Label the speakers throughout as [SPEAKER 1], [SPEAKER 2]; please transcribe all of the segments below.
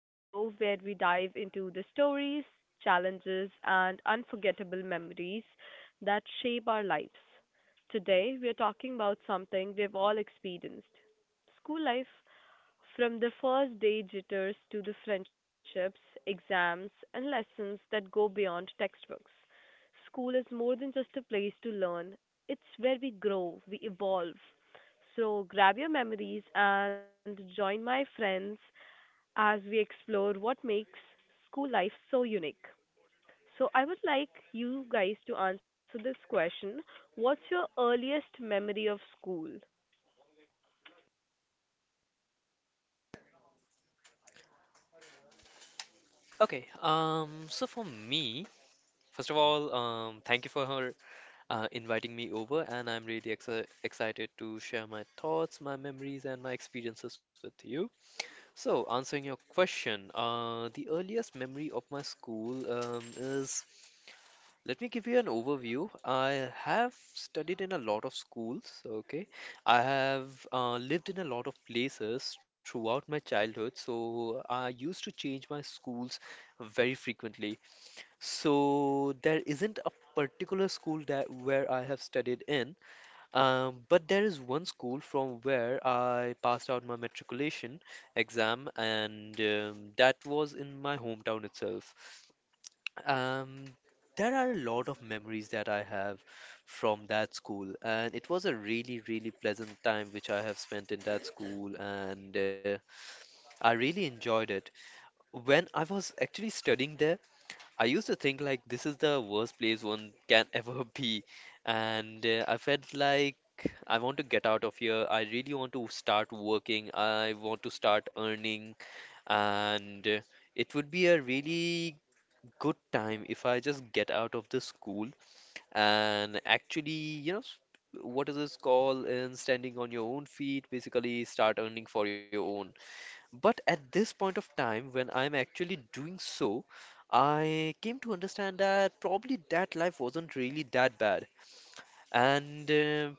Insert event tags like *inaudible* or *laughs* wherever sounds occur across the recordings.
[SPEAKER 1] the show where we dive into the stories, challenges, and unforgettable memories that shape our lives. Today, we are talking about something we've all experienced: school life. From the first day jitters to the friendships, exams, and lessons that go beyond textbooks, school is more than just a place to learn. It's where we grow, we evolve. So grab your memories and join my friends as we explore what makes school life so unique. So I would like you guys to answer this question: what's your earliest memory of school?
[SPEAKER 2] Okay, so for me, first of all, thank you for her inviting me over, and I'm really ex excited to share my thoughts, my memories, and my experiences with you. So, answering your question, the earliest memory of my school is, let me give you an overview. I have studied in a lot of schools, okay? I have lived in a lot of places throughout my childhood, so I used to change my schools very frequently. So there isn't a particular school that where I have studied in, but there is one school from where I passed out my matriculation exam, and that was in my hometown itself. Um, there are a lot of memories that I have from that school, and it was a really, really pleasant time which I have spent in that school, and I really enjoyed it. When I was actually studying there, I used to think like this is the worst place one can *laughs* ever be, and I felt like I want to get out of here. I really want to start working. I want to start earning, and it would be a really good time if I just get out of the school and actually, you know, s- what is this called? And standing on your own feet, basically start earning for your own. But at this point of time, when I'm actually doing so, I came to understand that probably that life wasn't really that bad, and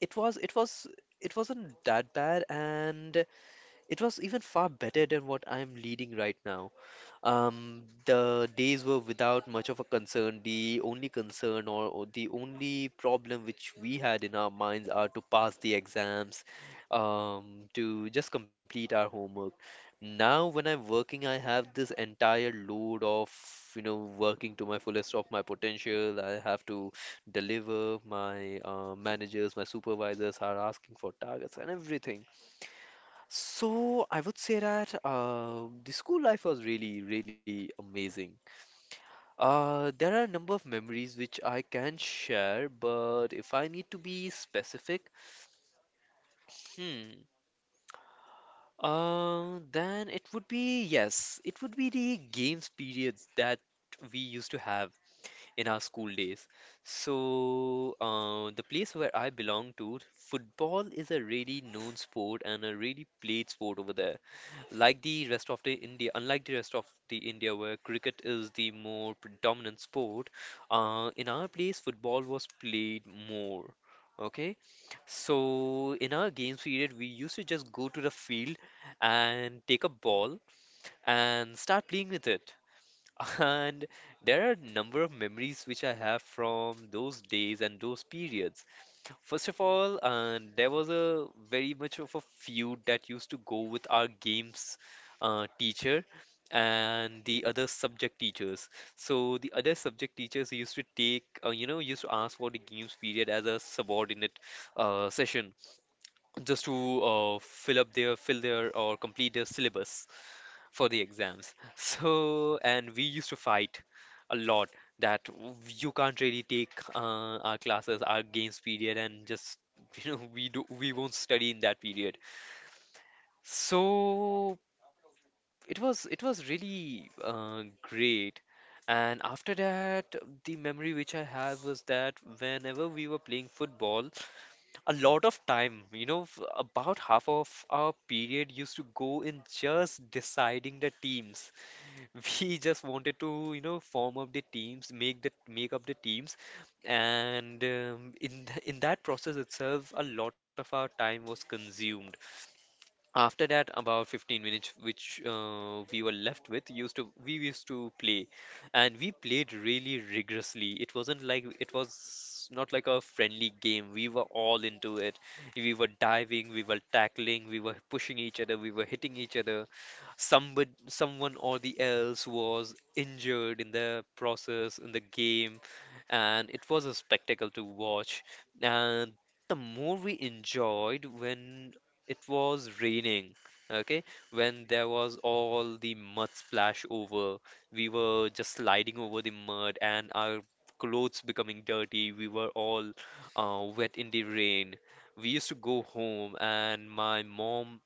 [SPEAKER 2] it was it was it wasn't that bad, and it was even far better than what I'm leading right now. The days were without much of a concern. The only concern or the only problem which we had in our minds are to pass the exams, to just complete our homework. Now, when I'm working, I have this entire load of, you know, working to my fullest of my potential. I have to deliver. My managers, my supervisors are asking for targets and everything. So I would say that the school life was really, really amazing. There are a number of memories which I can share, but if I need to be specific, hmm, then it would be yes, it would be the games periods that we used to have in our school days. So the place where I belong to, football is a really known sport and a really played sport over there. Like the rest of the India, Unlike the rest of the India, where cricket is the more predominant sport, in our place football was played more. Okay, so in our games period, we used to just go to the field and take a ball and start playing with it. *laughs* And there are a number of memories which I have from those days and those periods. First of all, there was a very much of a feud that used to go with our games teacher and the other subject teachers. So the other subject teachers used to take, you know, used to ask for the games period as a subordinate session just to fill up their, fill their or complete their syllabus for the exams. *laughs* So, and we used to fight a lot that you can't really take our classes, our games period, and just *laughs* you know we won't study in that period. So it was really great. And after that, the memory which I have was that whenever we were playing football, a lot of time, you know, about half of our period used to go in just deciding the teams. *laughs* We just wanted to, you know, form up the teams, make the make up the teams, and in th in that process itself, a lot of our time was consumed. After that, about 15 minutes, which we were left with, used to we used to play, and we played really rigorously. It was not like a friendly game. We were all into it. We were diving, we were tackling, we were pushing each other, we were hitting each other. Somebody, someone or the else was injured in the process in the game, and it was a spectacle to watch. And the more we enjoyed when it was raining, okay? When there was all the mud splash over, we were just sliding over the mud and our clothes becoming dirty. We were all wet in the rain. We used to go home, and my mom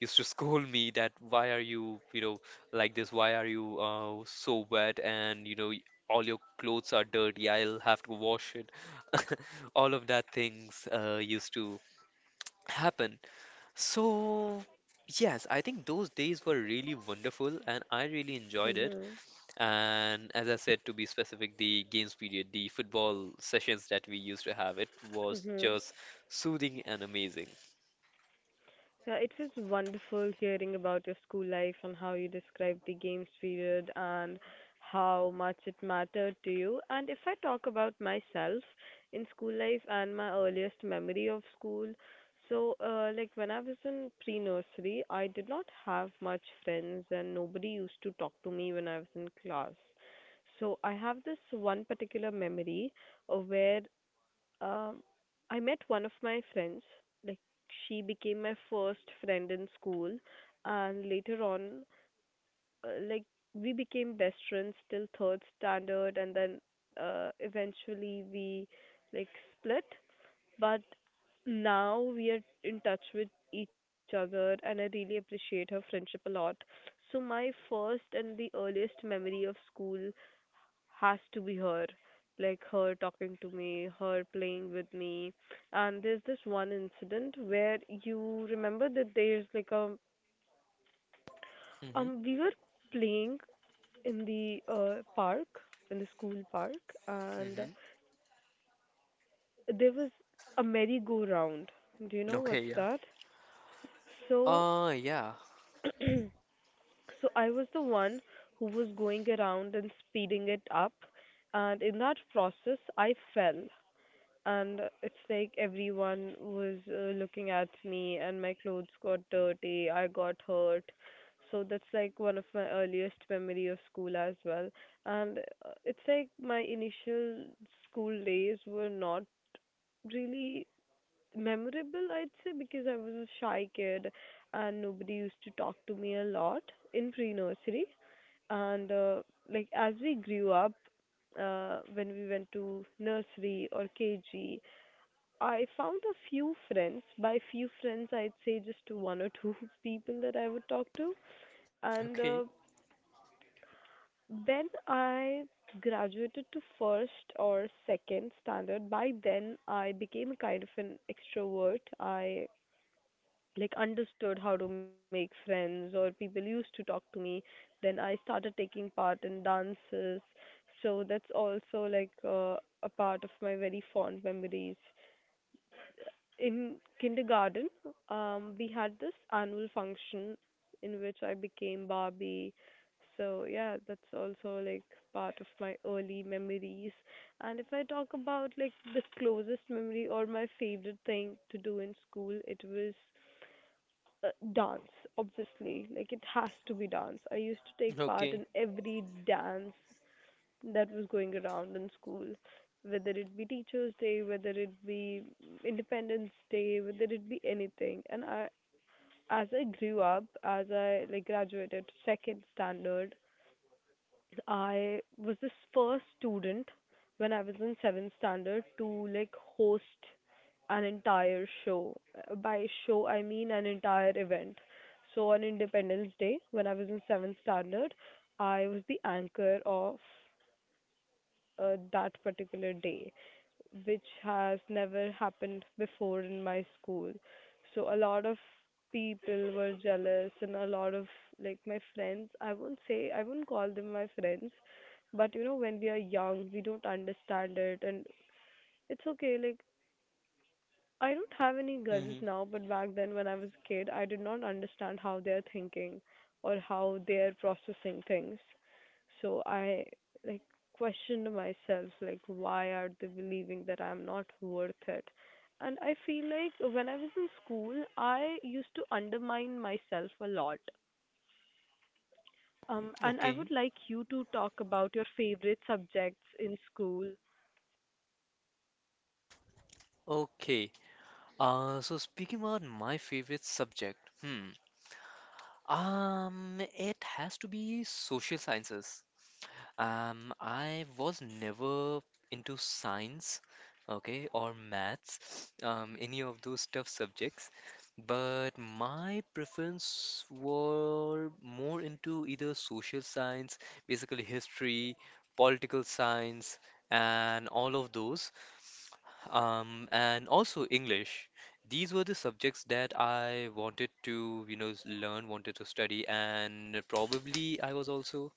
[SPEAKER 2] used to *laughs* scold me that why are you, you know, like this? Why are you so wet? And you know, all your clothes are dirty. I'll have to wash it. *laughs* All of that things used to happen. So, yes, I think those days were really wonderful and I really enjoyed it.
[SPEAKER 1] Mm-hmm.
[SPEAKER 2] And as I said, to be specific, the games period, the football sessions that we used to have, it was just soothing and amazing.
[SPEAKER 1] Yeah, it was wonderful hearing about your school life and how you described the games period and how much it mattered to you. And if I talk about myself in school life and my earliest memory of school, so like when I was in pre-nursery, I did not have much friends and nobody used to talk to me when I was in class. So I have this one particular memory of where um, I met one of my friends. Like, she became my first friend in school, and later on, like we became best friends till third standard, and then eventually we like split. But now we are in touch with each other, and I really appreciate her friendship a lot. So my first and the earliest memory of school has to be her, like her talking to me, her playing with me. And there's this one incident where, you remember that, there's like a
[SPEAKER 2] Mm-hmm.
[SPEAKER 1] we were playing in the park, in the school park, and
[SPEAKER 2] Mm-hmm.
[SPEAKER 1] there was a merry-go-round. Do you know
[SPEAKER 2] Okay,
[SPEAKER 1] what's
[SPEAKER 2] yeah.
[SPEAKER 1] that? So
[SPEAKER 2] Ah, yeah.
[SPEAKER 1] *clears throat* so I was the one who was going around and speeding it up, and in that process I fell, and it's like everyone was looking at me and my clothes got dirty, I got hurt. So that's like one of my earliest memory of school as well. And it's like my initial school days were not really memorable, I'd say, because I was a shy kid and nobody used to talk to me a lot in pre-nursery. And like as we grew up, when we went to nursery or KG, I found a few friends. By few friends, I'd say just one or two *laughs* people that I would talk to.
[SPEAKER 2] Okay.
[SPEAKER 1] And then I graduated to first or second standard. By then, I became a kind of an extrovert. I like understood how to make friends, or people used to talk to me. Then I started taking part in dances. So that's also like a part of my very fond memories. In kindergarten, we had this annual function in which I became Barbie. So yeah, that's also like part of my early memories. And if I talk about like the closest memory or my favorite thing to do in school, it was dance, obviously. Like, it has to be dance. I used to take
[SPEAKER 2] Okay.
[SPEAKER 1] part in every dance that was going around in school, whether it be Teachers Day, whether it be Independence Day, whether it be anything. And I, as I grew up, as I like graduated to second standard, I was this first student when I was in seventh standard to like host an entire show. By show, I mean an entire event. So on Independence Day, when I was in seventh standard, I was the anchor of that particular day, which has never happened before in my school. So a lot of people were jealous, and a lot of like my friends. I won't say, I won't call them my friends, but you know, when we are young, we don't understand it, and it's okay. Like, I don't have any
[SPEAKER 2] Mm-hmm.
[SPEAKER 1] grudges now, but back then when I was a kid, I did not understand how they're thinking or how they're processing things. So I like questioned myself, like why are they believing that I'm not worth it? And I feel like when I was in school, I used to undermine myself a lot. And I
[SPEAKER 2] Okay.
[SPEAKER 1] would like you to talk about your favorite subjects in school.
[SPEAKER 2] Okay. So speaking about my favorite subject, it has to be social sciences. I was never into science, okay, or maths, any of those tough subjects, but my preference were more into either social science, basically history, political science, and all of those, and also English. These were the subjects that I wanted to, you know, learn, wanted to study, and probably I was also